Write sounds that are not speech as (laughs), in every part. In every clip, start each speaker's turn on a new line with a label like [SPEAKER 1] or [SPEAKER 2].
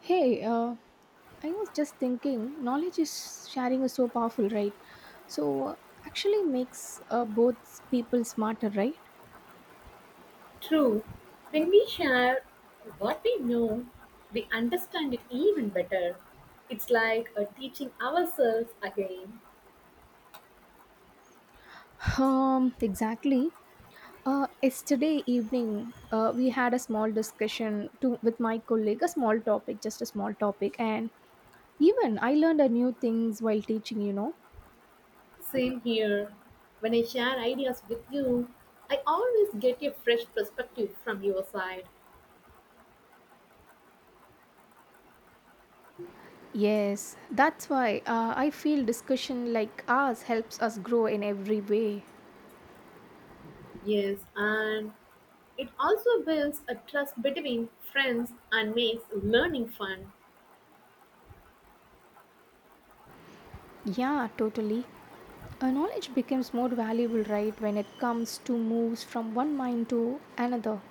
[SPEAKER 1] Hey, I was just thinking, knowledge is sharing is so powerful, right? So actually makes both people smarter, right?
[SPEAKER 2] True. When we share what we know, we understand it even better. It's like a teaching ourselves again.
[SPEAKER 1] (laughs) Exactly. Yesterday evening, we had a small discussion to with my colleague, a small topic, just a small topic, and even I learned a new things while teaching.
[SPEAKER 2] Same here. When I share ideas with you, I always get a fresh perspective from your side.
[SPEAKER 1] Yes, that's why I feel discussion like ours helps us grow in every way.
[SPEAKER 2] Yes, and it also builds a trust between friends and makes learning fun.
[SPEAKER 1] Yeah, totally. A knowledge becomes more valuable, right, when it comes to moves from one mind to another.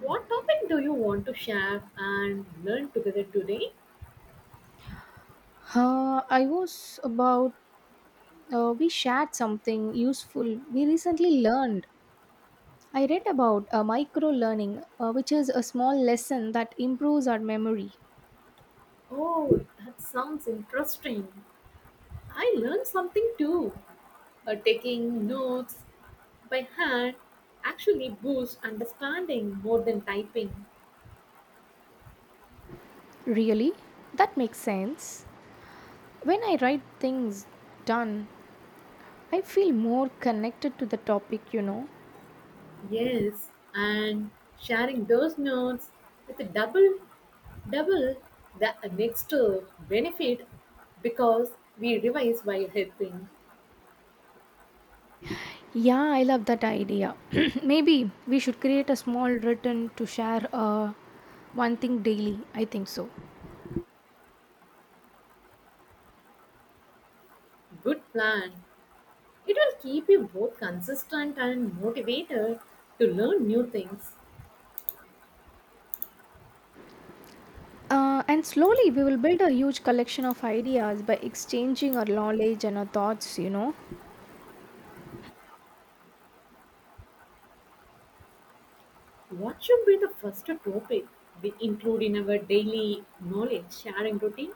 [SPEAKER 2] What topic do you want to share and learn together today?
[SPEAKER 1] I was about, we shared something useful we recently learned. I read about micro learning, which is a small lesson that improves our memory.
[SPEAKER 2] Oh, that sounds interesting. I learned something too. Taking notes by hand actually boosts understanding more than typing.
[SPEAKER 1] Really? That makes sense. When I write things done, I feel more connected to the topic.
[SPEAKER 2] Yes, and sharing those notes with a double the next benefit because we revise while helping.
[SPEAKER 1] Yeah, I love that idea. (clears throat) Maybe we should create a small written to share one thing daily. I think so.
[SPEAKER 2] Good plan. It will keep you both consistent and motivated to learn new things.
[SPEAKER 1] And slowly we will build a huge collection of ideas by exchanging our knowledge and our thoughts.
[SPEAKER 2] What should be the first topic we include in our daily knowledge sharing routine?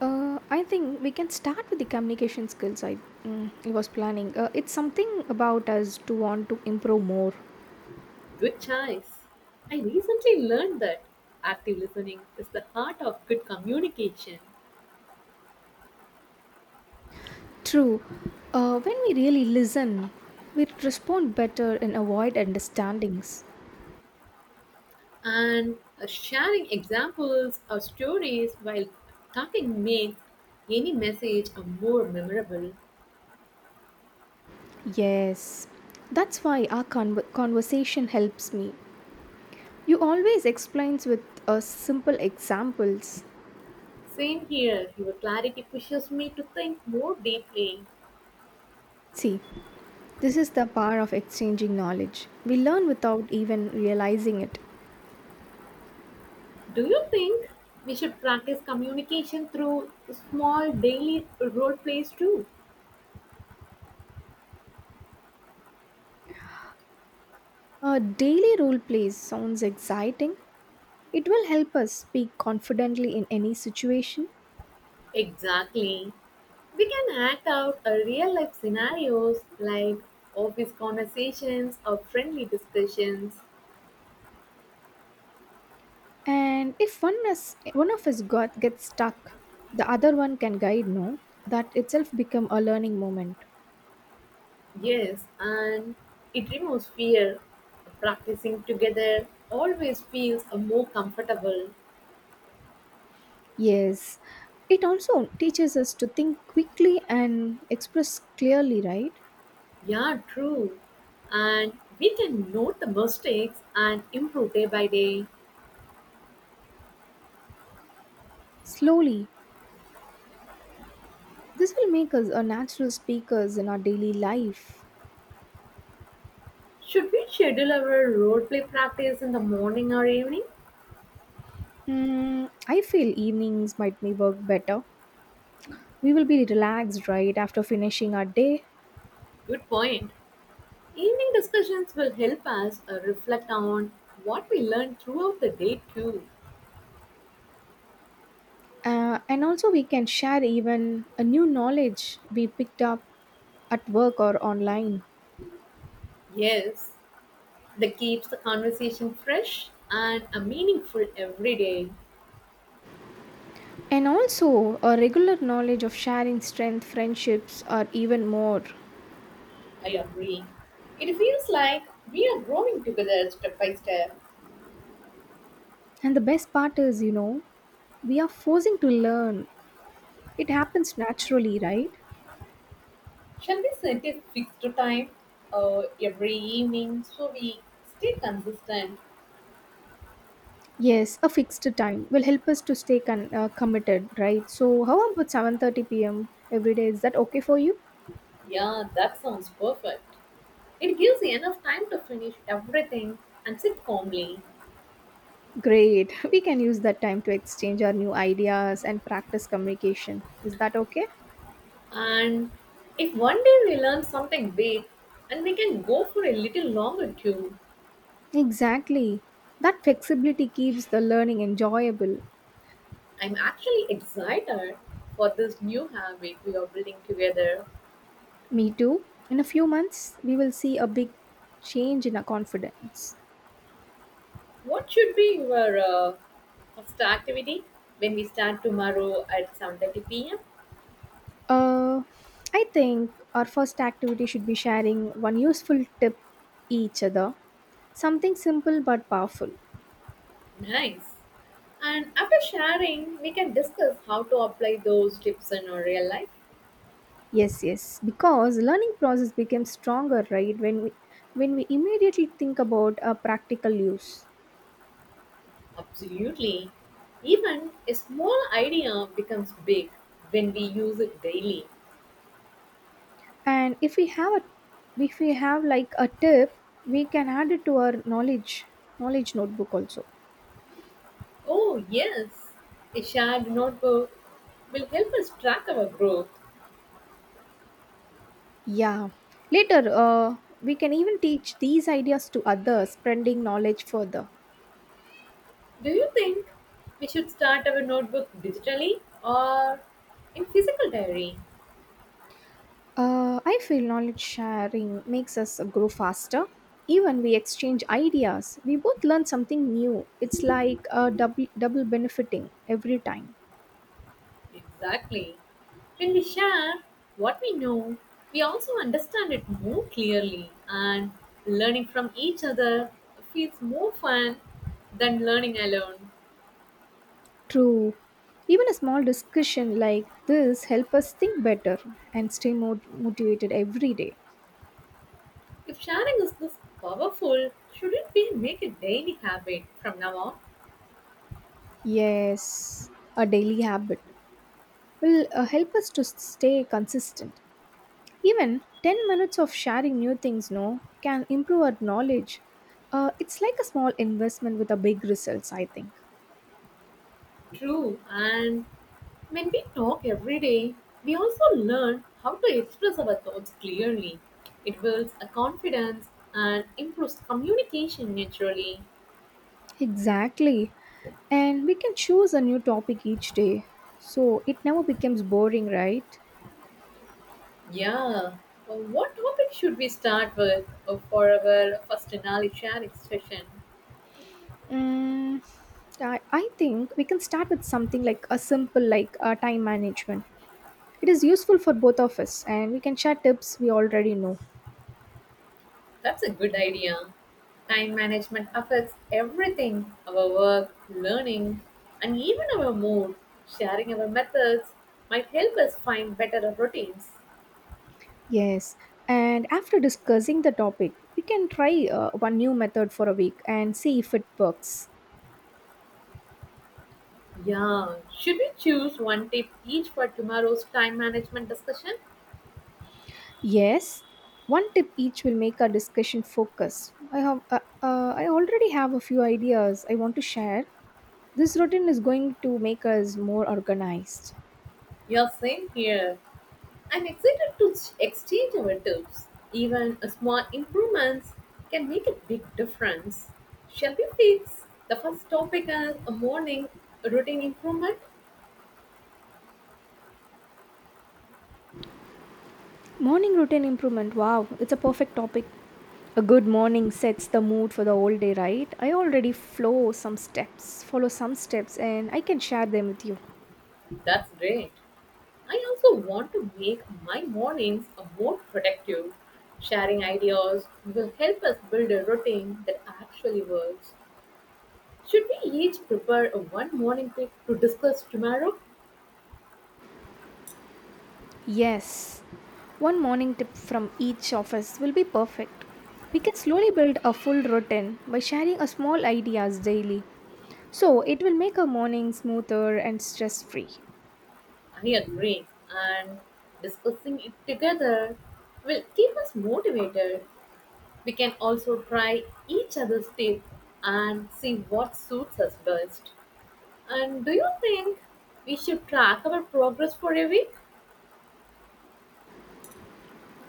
[SPEAKER 1] I think we can start with the communication skills I was planning. It's something about us to want to improve more.
[SPEAKER 2] Good choice. I recently learned that active listening is the heart of good communication,
[SPEAKER 1] True. When we really listen, we respond better and avoid understandings.
[SPEAKER 2] and sharing examples or stories while talking makes any message a more memorable.
[SPEAKER 1] Yes, that's why our conversation helps me. You always explains with simple examples.
[SPEAKER 2] Same here, your clarity pushes me to think more deeply.
[SPEAKER 1] See, this is the power of exchanging knowledge. We learn without even realizing it.
[SPEAKER 2] Do you think we should practice communication through small daily role plays too?
[SPEAKER 1] A daily role plays sounds exciting. It will help us speak confidently in any situation.
[SPEAKER 2] Exactly. We can act out a real life scenarios like office conversations or friendly discussions.
[SPEAKER 1] And if one of us got gets stuck, the other one can guide. No, that itself become a learning moment.
[SPEAKER 2] Yes, and it removes fear. Practicing together always feels a more comfortable.
[SPEAKER 1] Yes, it also teaches us to think quickly and express clearly, right?
[SPEAKER 2] Yeah, true. And we can note the mistakes and improve day by day.
[SPEAKER 1] Slowly. This will make us a natural speakers in our daily life.
[SPEAKER 2] Should we schedule our role play practice in the morning or evening?
[SPEAKER 1] I feel evenings might may work better. We will be relaxed, right, after finishing our day.
[SPEAKER 2] Good point. Evening discussions will help us reflect on what we learned throughout the day, too.
[SPEAKER 1] And also, we can share even a new knowledge we picked up at work or online.
[SPEAKER 2] Yes, that keeps the conversation fresh and meaningful every day.
[SPEAKER 1] And also, a regular knowledge of sharing strength, friendships, or even more.
[SPEAKER 2] I agree. It feels like we are growing together step by step.
[SPEAKER 1] And the best part is, we are forcing to learn. It happens naturally, right?
[SPEAKER 2] Shall we set a fixed time every evening so we stay consistent?
[SPEAKER 1] Yes, a fixed time will help us to stay committed, right? So, how about 7:30 p.m. every day? Is that okay for you?
[SPEAKER 2] Yeah, that sounds perfect. It gives enough time to finish everything and sit calmly.
[SPEAKER 1] Great. (laughs) We can use that time to exchange our new ideas and practice communication. Is that okay?
[SPEAKER 2] And if one day we learn something big and we can go for a little longer too,
[SPEAKER 1] Exactly. That flexibility keeps the learning enjoyable.
[SPEAKER 2] I'm actually excited for this new habit we are building together.
[SPEAKER 1] Me too. In a few months, we will see a big change in our confidence.
[SPEAKER 2] What should be your first activity when we start tomorrow at 7:30 p.m.?
[SPEAKER 1] Uh, I think our first activity should be sharing one useful tip each other. Something simple but powerful.
[SPEAKER 2] Nice. And after sharing, we can discuss how to apply those tips in our real life.
[SPEAKER 1] Yes, yes. Because learning process becomes stronger, right? When we immediately think about a practical use.
[SPEAKER 2] Absolutely. Even a small idea becomes big when we use it daily.
[SPEAKER 1] And if we have like a tip, we can add it to our knowledge notebook also.
[SPEAKER 2] Oh, yes. A shared notebook will help us track our growth.
[SPEAKER 1] Yeah. Later, we can even teach these ideas to others, spreading knowledge further.
[SPEAKER 2] Do you think we should start our notebook digitally or in physical diary?
[SPEAKER 1] I feel knowledge sharing makes us grow faster. Even we exchange ideas, we both learn something new. It's like a double benefiting every time.
[SPEAKER 2] Exactly. When we share what we know, we also understand it more clearly, and learning from each other feels more fun than learning alone.
[SPEAKER 1] True. Even a small discussion like this help us think better and stay more motivated every day.
[SPEAKER 2] If sharing is this powerful, shouldn't we make a daily habit from now on?
[SPEAKER 1] Yes, a daily habit will help us to stay consistent. Even 10 minutes of sharing new things no can improve our knowledge. It's like a small investment with a big results, I think.
[SPEAKER 2] True, and when we talk every day, we also learn how to express our thoughts clearly. It builds a confidence and improves communication naturally.
[SPEAKER 1] Exactly. And we can choose a new topic each day. So it never becomes boring, right?
[SPEAKER 2] Yeah. What topic should we start with for our first knowledge sharing session?
[SPEAKER 1] Mm, I think we can start with something like a simple like time management. It is useful for both of us and we can share tips we already know.
[SPEAKER 2] That's a good idea. Time management affects everything our work, learning, and even our mood. Sharing our methods might help us find better routines.
[SPEAKER 1] Yes, and after discussing the topic, we can try one new method for a week and see if it works.
[SPEAKER 2] Yeah. Should we choose one tip each for tomorrow's time management discussion?
[SPEAKER 1] Yes, one tip each will make our discussion focus. I already have a few ideas I want to share. This routine is going to make us more organized.
[SPEAKER 2] Yeah, same here. I'm excited to exchange our tips. Even a small improvements can make a big difference. Shall we fix the first topic as a morning routine improvement?
[SPEAKER 1] Morning routine improvement. Wow, it's a perfect topic. A good morning sets the mood for the whole day, right? I already follow some steps and I can share them with you.
[SPEAKER 2] That's great. I also want to make my mornings a more productive. Sharing ideas will help us build a routine that actually works. Should we each prepare a one morning trip to discuss tomorrow?
[SPEAKER 1] Yes, one morning tip from each of us will be perfect. We can slowly build a full routine by sharing a small ideas daily. So it will make our morning smoother and stress free.
[SPEAKER 2] I agree. And discussing it together will keep us motivated. We can also try each other's tip and see what suits us best. And do you think we should track our progress for a week?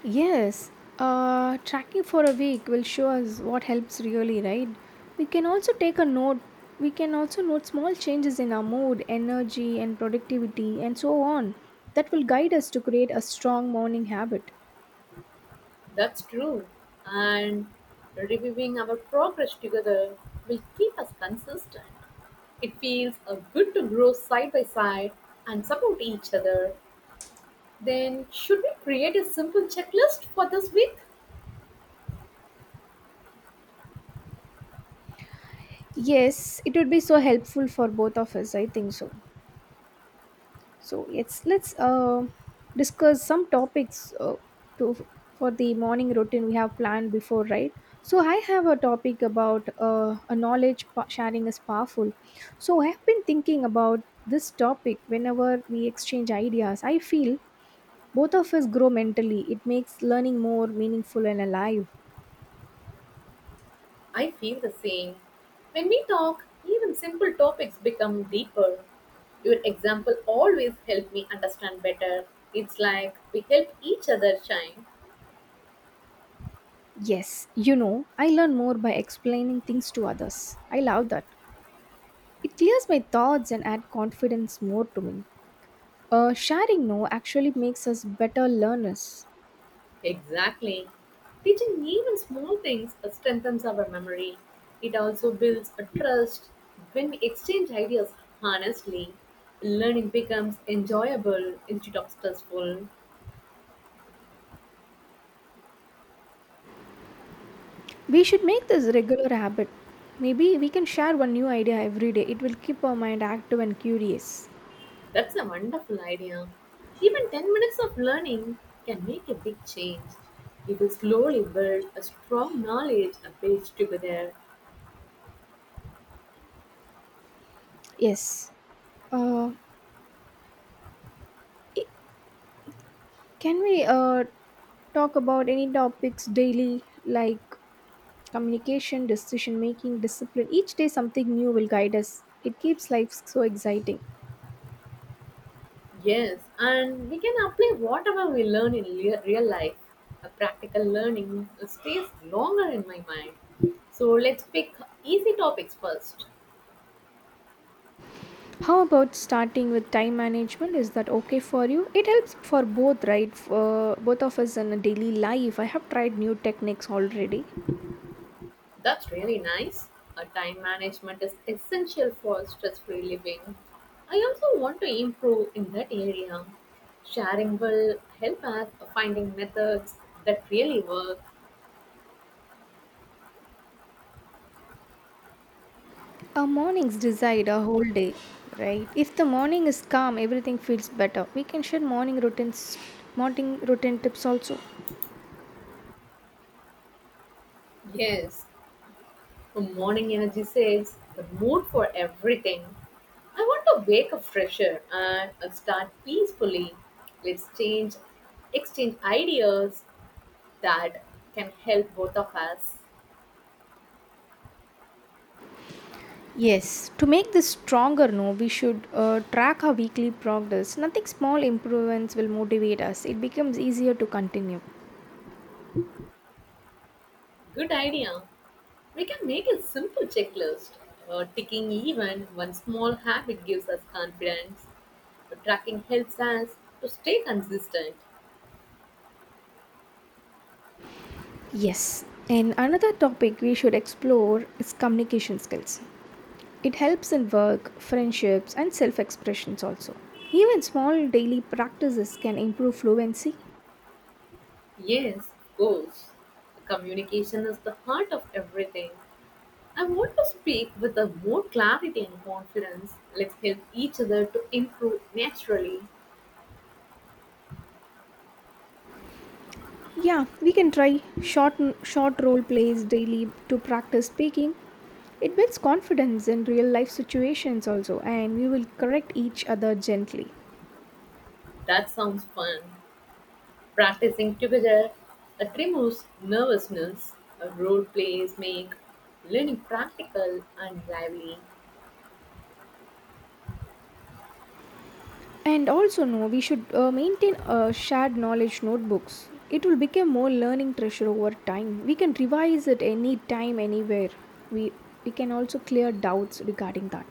[SPEAKER 1] Yes, tracking for a week will show us what helps really, right? We can also take a note. We can also note small changes in our mood, energy, and productivity, and so on. That will guide us to create a strong morning habit.
[SPEAKER 2] That's true. And reviewing our progress together will keep us consistent. It feels good to grow side by side and support each other. Then, should we create a simple checklist for this week?
[SPEAKER 1] Yes, it would be so helpful for both of us. I think so. So yes, let's discuss some topics to for the morning routine we have planned before, right? So I have a topic about a knowledge sharing is powerful. So I have been thinking about this topic whenever we exchange ideas. I feel both of us grow mentally. It makes learning more meaningful and alive.
[SPEAKER 2] I feel the same. When we talk, even simple topics become deeper. Your example always helped me understand better. It's like we help each other shine.
[SPEAKER 1] Yes, I learn more by explaining things to others. I love that. It clears my thoughts and adds confidence more to me. Sharing no actually makes us better learners.
[SPEAKER 2] Exactly. Teaching even small things strengthens our memory. It also builds a trust when we exchange ideas honestly. Learning becomes enjoyable instead of stressful.
[SPEAKER 1] We should make this regular habit. Maybe we can share one new idea every day. It will keep our mind active and curious.
[SPEAKER 2] That's a wonderful idea. Even 10 minutes of learning can make a big change. We will slowly build a strong knowledge base together.
[SPEAKER 1] Yes. Uh, can we talk about any topics daily like communication, decision making, discipline? Each day something new will guide us. It keeps life so exciting.
[SPEAKER 2] Yes, and we can apply whatever we learn in real life. A practical learning stays longer in my mind. So let's pick easy topics first.
[SPEAKER 1] How about starting with time management? Is that okay for you? It helps for both, right? Both of us in a daily life. I have tried new techniques already.
[SPEAKER 2] That's really nice. A time management is essential for stress-free living. I also want to improve in that area. Sharing will help us finding methods that really work.
[SPEAKER 1] Our mornings decide our whole day, right? If the morning is calm, everything feels better. We can share morning routine tips also.
[SPEAKER 2] Yes, the morning energy saves the mood for everything. I want to wake up fresher and start peacefully. Let's exchange ideas that can help both of us.
[SPEAKER 1] Yes, to make this stronger, no, we should track our weekly progress. Nothing small improvements will motivate us. It becomes easier to continue.
[SPEAKER 2] Good idea. We can make a simple checklist. Ticking even one small habit gives us confidence. Tracking helps us to stay consistent.
[SPEAKER 1] Yes, and another topic we should explore is communication skills. It helps in work, friendships, and self expressions also. Even small daily practices can improve fluency.
[SPEAKER 2] Yes, goals. Communication is the heart of everything. I want to speak with a more clarity and confidence. Let's help each other to improve naturally.
[SPEAKER 1] Yeah, we can try short role plays daily to practice speaking. It builds confidence in real life situations also and we will correct each other gently.
[SPEAKER 2] That sounds fun. Practicing together it removes nervousness. Role plays make learning practical and lively.
[SPEAKER 1] And also, no, we should maintain shared knowledge notebooks. It will become more learning treasure over time. We can revise it any time, anywhere. We we can also clear doubts regarding that.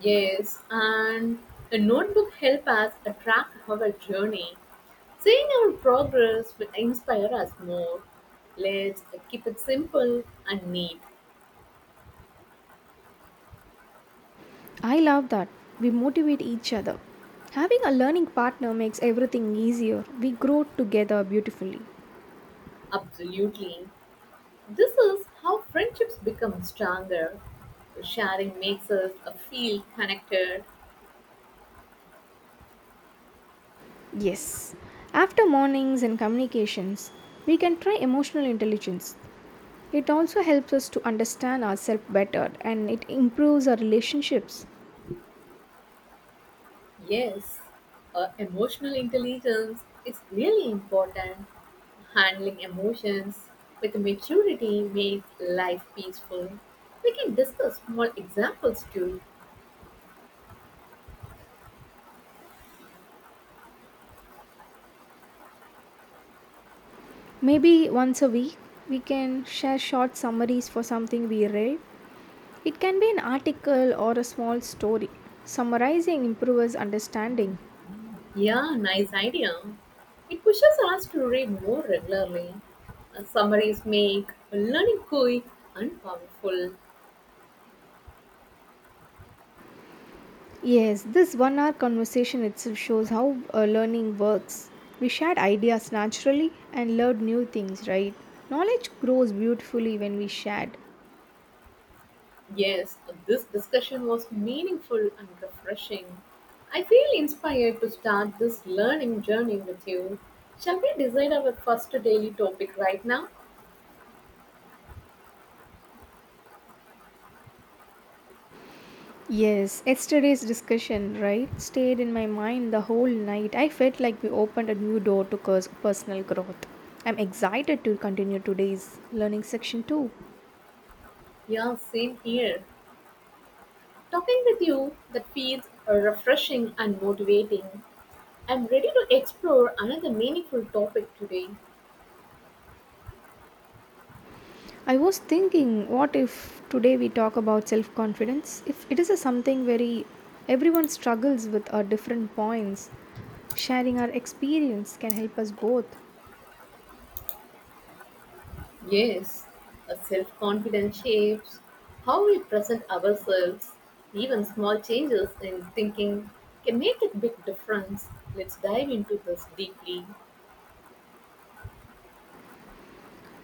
[SPEAKER 2] Yes, and a notebook help us track our journey. Seeing our progress will inspire us more. Let's keep it simple and neat.
[SPEAKER 1] I love that we motivate each other. Having a learning partner makes everything easier. We grow together beautifully.
[SPEAKER 2] Absolutely. This is how friendships become stronger. Sharing makes us feel connected.
[SPEAKER 1] Yes. After mornings and communications, we can try emotional intelligence. It also helps us to understand ourselves better and it improves our relationships.
[SPEAKER 2] Yes, emotional intelligence is really important. Handling emotions with maturity makes life peaceful. We can discuss small examples too.
[SPEAKER 1] Maybe once a week, we can share short summaries for something we read. It can be an article or a small story. Summarizing improves understanding.
[SPEAKER 2] Yeah, nice idea. It pushes us to read more regularly. Summaries make learning quick and powerful.
[SPEAKER 1] Yes, this 1 hour conversation itself shows how learning works. We shared ideas naturally and learned new things, right? Knowledge grows beautifully when we shared.
[SPEAKER 2] Yes, this discussion was meaningful and refreshing. I feel inspired to start this learning journey with you. Shall we decide our first daily topic right now?
[SPEAKER 1] Yes, yesterday's discussion, right, stayed in my mind the whole night. I felt like we opened a new door to personal growth. I'm excited to continue today's learning section too.
[SPEAKER 2] Yeah, same here. Talking with you that feels refreshing and motivating. I'm ready to explore another meaningful topic today.
[SPEAKER 1] I was thinking, what if today we talk about self confidence? If it is a something very everyone struggles with at different points, sharing our experience can help us both.
[SPEAKER 2] Yes, a self confidence shapes how we present ourselves. Even small changes in thinking can make a big difference. Let's dive into this deeply.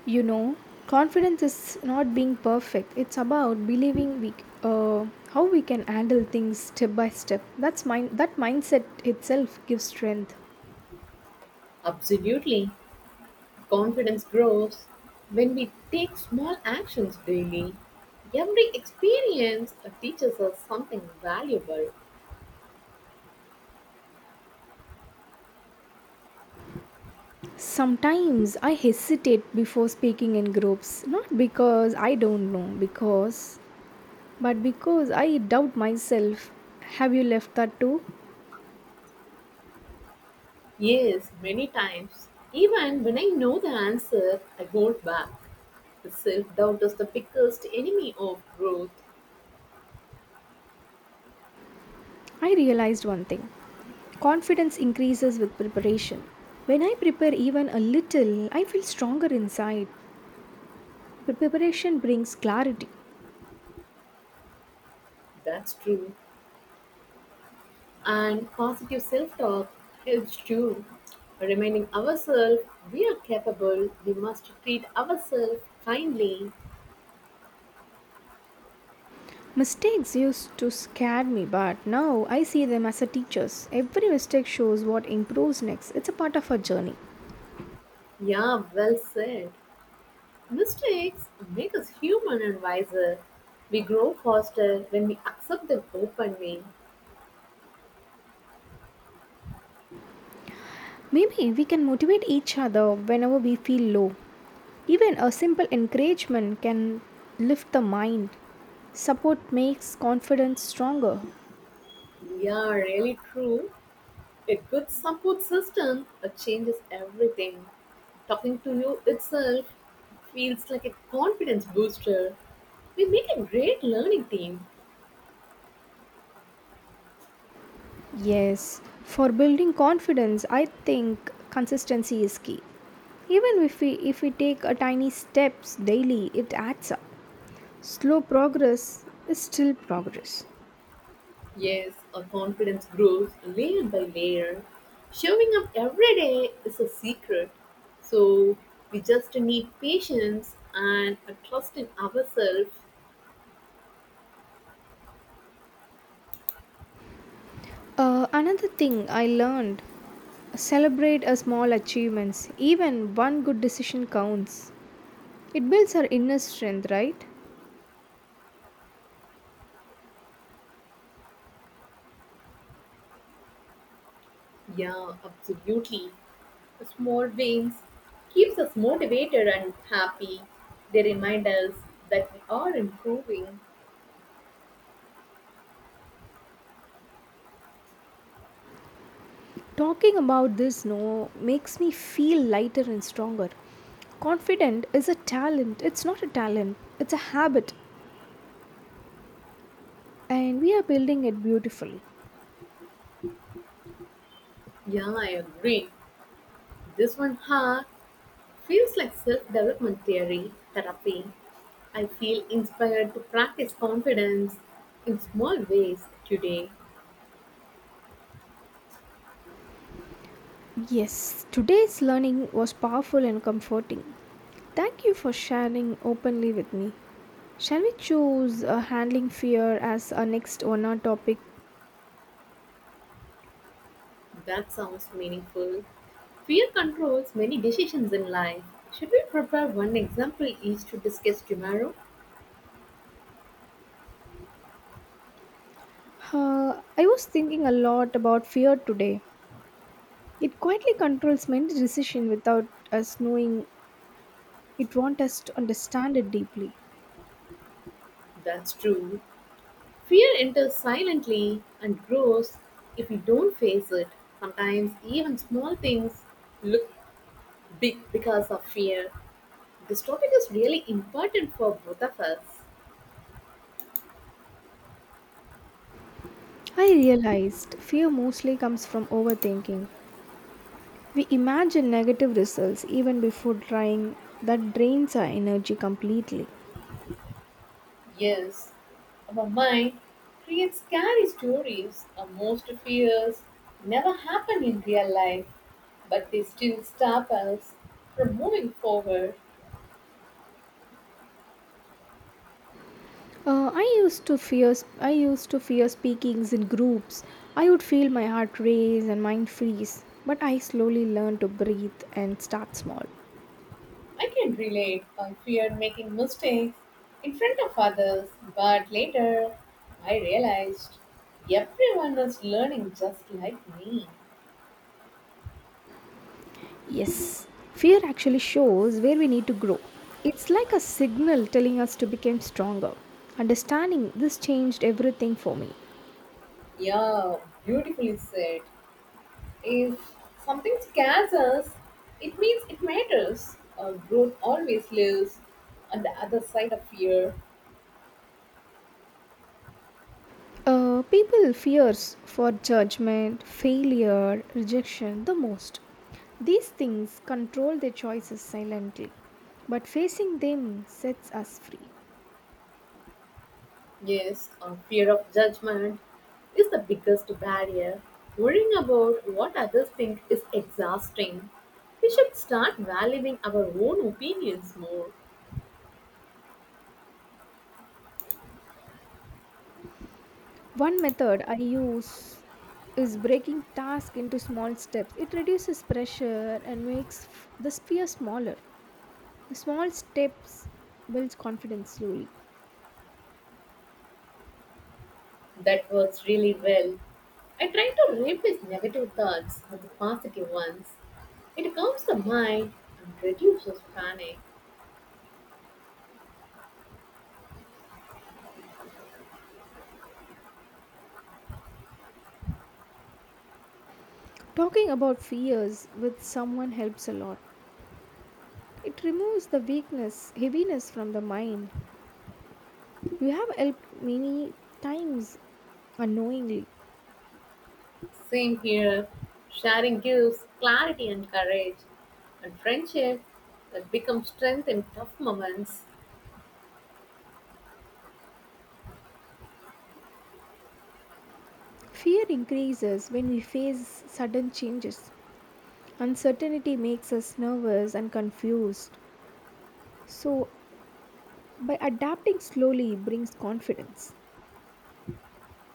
[SPEAKER 1] You know, confidence is not being perfect. It's about believing we how we can handle things step by step. That mindset itself gives strength.
[SPEAKER 2] Absolutely. Confidence grows when we take small actions daily. Every experience teaches us something valuable.
[SPEAKER 1] Sometimes I hesitate before speaking in groups, not because I don't know, because but because I doubt myself. Have you left that too?
[SPEAKER 2] Yes, many times. Even when I know the answer, I hold back. Self doubt is the biggest enemy of growth.
[SPEAKER 1] I realized one thing. Confidence increases with preparation. When I prepare even a little, I feel stronger inside. Preparation brings clarity.
[SPEAKER 2] That's true. And positive self talk helps too. Reminding ourselves we are capable, we must treat ourselves kindly.
[SPEAKER 1] Mistakes used to scare me, but now I see them as a teachers. Every mistake shows what improves next. It's a part of our journey.
[SPEAKER 2] Yeah, well said. Mistakes make us human and wiser. We grow faster when we accept them openly.
[SPEAKER 1] Maybe we can motivate each other whenever we feel low. Even a simple encouragement can lift the mind. Support makes confidence stronger.
[SPEAKER 2] Yeah, really true. A good support system changes everything. Talking to you itself feels like a confidence booster. We make a great learning team.
[SPEAKER 1] Yes, for building confidence, I think consistency is key. Even if we take a tiny steps daily, it adds up. Slow progress is still progress.
[SPEAKER 2] Yes, our confidence grows layer by layer. Showing up every day is a secret. So we just need patience and a trust in ourselves.
[SPEAKER 1] Another thing I learned celebrate a small achievements. Even one good decision counts. It builds our inner strength, right?
[SPEAKER 2] Yeah, absolutely. The small wins keeps us motivated and happy. They remind us that we are improving.
[SPEAKER 1] Talking about this no makes me feel lighter and stronger. Confident is a talent. It's not a talent. It's a habit and we are building it beautifully.
[SPEAKER 2] Yeah, I agree. This one feels like self-development theory therapy. I feel inspired to practice confidence in small ways today.
[SPEAKER 1] Yes, today's learning was powerful and comforting. Thank you for sharing openly with me. Shall we choose handling fear as our next 1 hour topic?
[SPEAKER 2] That sounds meaningful. Fear controls many decisions in life. Should we prepare one example each to discuss tomorrow?
[SPEAKER 1] I was thinking a lot about fear today. It quietly controls many decisions without us knowing it wants us to understand it deeply.
[SPEAKER 2] That's true. Fear enters silently and grows if we don't face it. Sometimes even small things look big because of fear. This topic is really important for both of us.
[SPEAKER 1] I realized fear mostly comes from overthinking. We imagine negative results even before trying, that drains our energy completely.
[SPEAKER 2] Yes. Our mind creates scary stories, our most fears never happen in real life, but they still stop us from moving forward.
[SPEAKER 1] I used to fear. I used to fear speakings in groups. I would feel my heart race and mind freeze. But I slowly learned to breathe and start small.
[SPEAKER 2] I can relate. I feared making mistakes in front of others, but later I realized everyone was learning just like me.
[SPEAKER 1] Yes, fear actually shows where we need to grow. It's like a signal telling us to become stronger. Understanding this changed everything for me.
[SPEAKER 2] Yeah, beautifully said. If something scares us, it means it matters. Growth always lives on the other side of fear.
[SPEAKER 1] People fears for judgment, failure, rejection the most. These things control their choices silently, but facing them sets us free.
[SPEAKER 2] Yes, our fear of judgment is the biggest barrier. Worrying about what others think is exhausting. We should start valuing our own opinions more.
[SPEAKER 1] One method I use is breaking task into small steps. It reduces pressure and makes the fear smaller. Small steps builds confidence slowly.
[SPEAKER 2] That works really well. I try to replace negative thoughts with positive ones. It calms the mind and reduces panic.
[SPEAKER 1] Talking about fears with someone helps a lot. It removes the weakness, heaviness from the mind. You have helped many times unknowingly.
[SPEAKER 2] Same here. Sharing gives clarity and courage, and friendship that becomes strength in tough moments.
[SPEAKER 1] Fear increases when we face sudden changes. Uncertainty makes us nervous and confused. So, by adapting slowly brings confidence.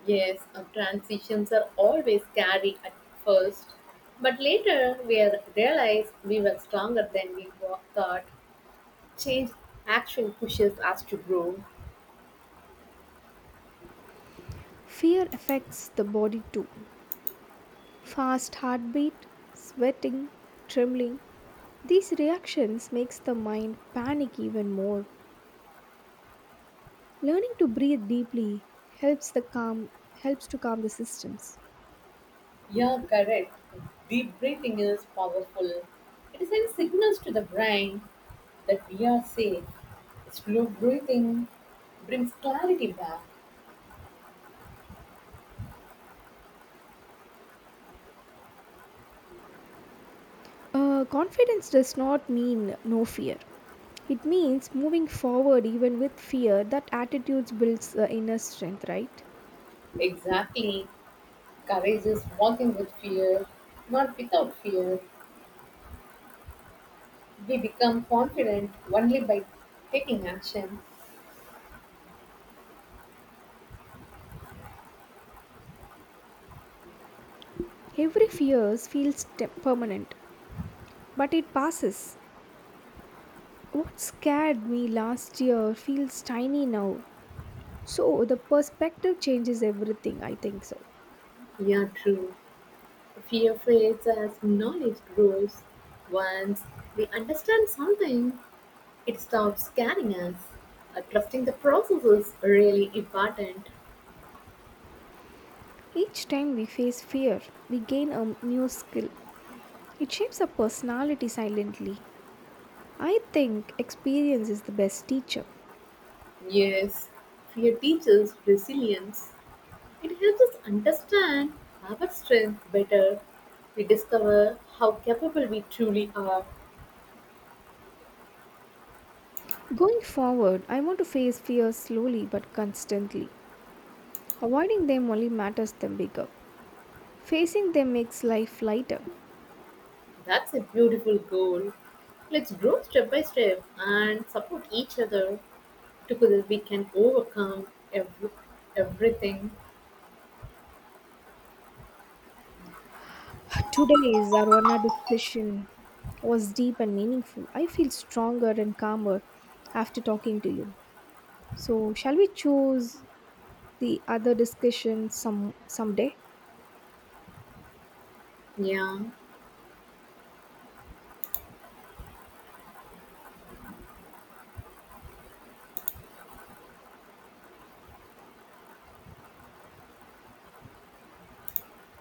[SPEAKER 2] Yes, our transitions are always scary at first, but later we realize we were stronger than we thought. Change actually pushes us to grow.
[SPEAKER 1] Fear affects the body too. Fast heartbeat, sweating, trembling. These reactions makes the mind panic even more. Learning to breathe deeply helps to calm the systems.
[SPEAKER 2] Yeah, correct. Deep breathing is powerful. It sends signals to the brain that we are safe. Slow breathing brings clarity back.
[SPEAKER 1] Confidence does not mean no fear. It means moving forward even with fear. That attitude builds the inner strength, right?
[SPEAKER 2] Exactly. Courage is walking with fear, not without fear. We become confident only by taking action.
[SPEAKER 1] Every fear feels permanent, but it passes. What scared me last year feels tiny now. So the perspective changes everything, I think so.
[SPEAKER 2] Yeah, true. Fear fades as knowledge grows. Once we understand something, it stops scaring us. Trusting the process is really important.
[SPEAKER 1] Each time we face fear, we gain a new skill. It shapes our personality silently. I think experience is the best teacher.
[SPEAKER 2] Yes, fear teaches resilience. It helps us understand our strength better. We discover how capable we truly are.
[SPEAKER 1] Going forward, I want to face fears slowly but constantly. Avoiding them only matters them bigger. Facing them makes life lighter.
[SPEAKER 2] That's a beautiful goal. Let's grow step by step and support each other. Together we can overcome ev- everything.
[SPEAKER 1] Today's Arwana discussion was deep and meaningful. I feel stronger and calmer after talking to you. So, shall we choose the other discussion someday?
[SPEAKER 2] Yeah.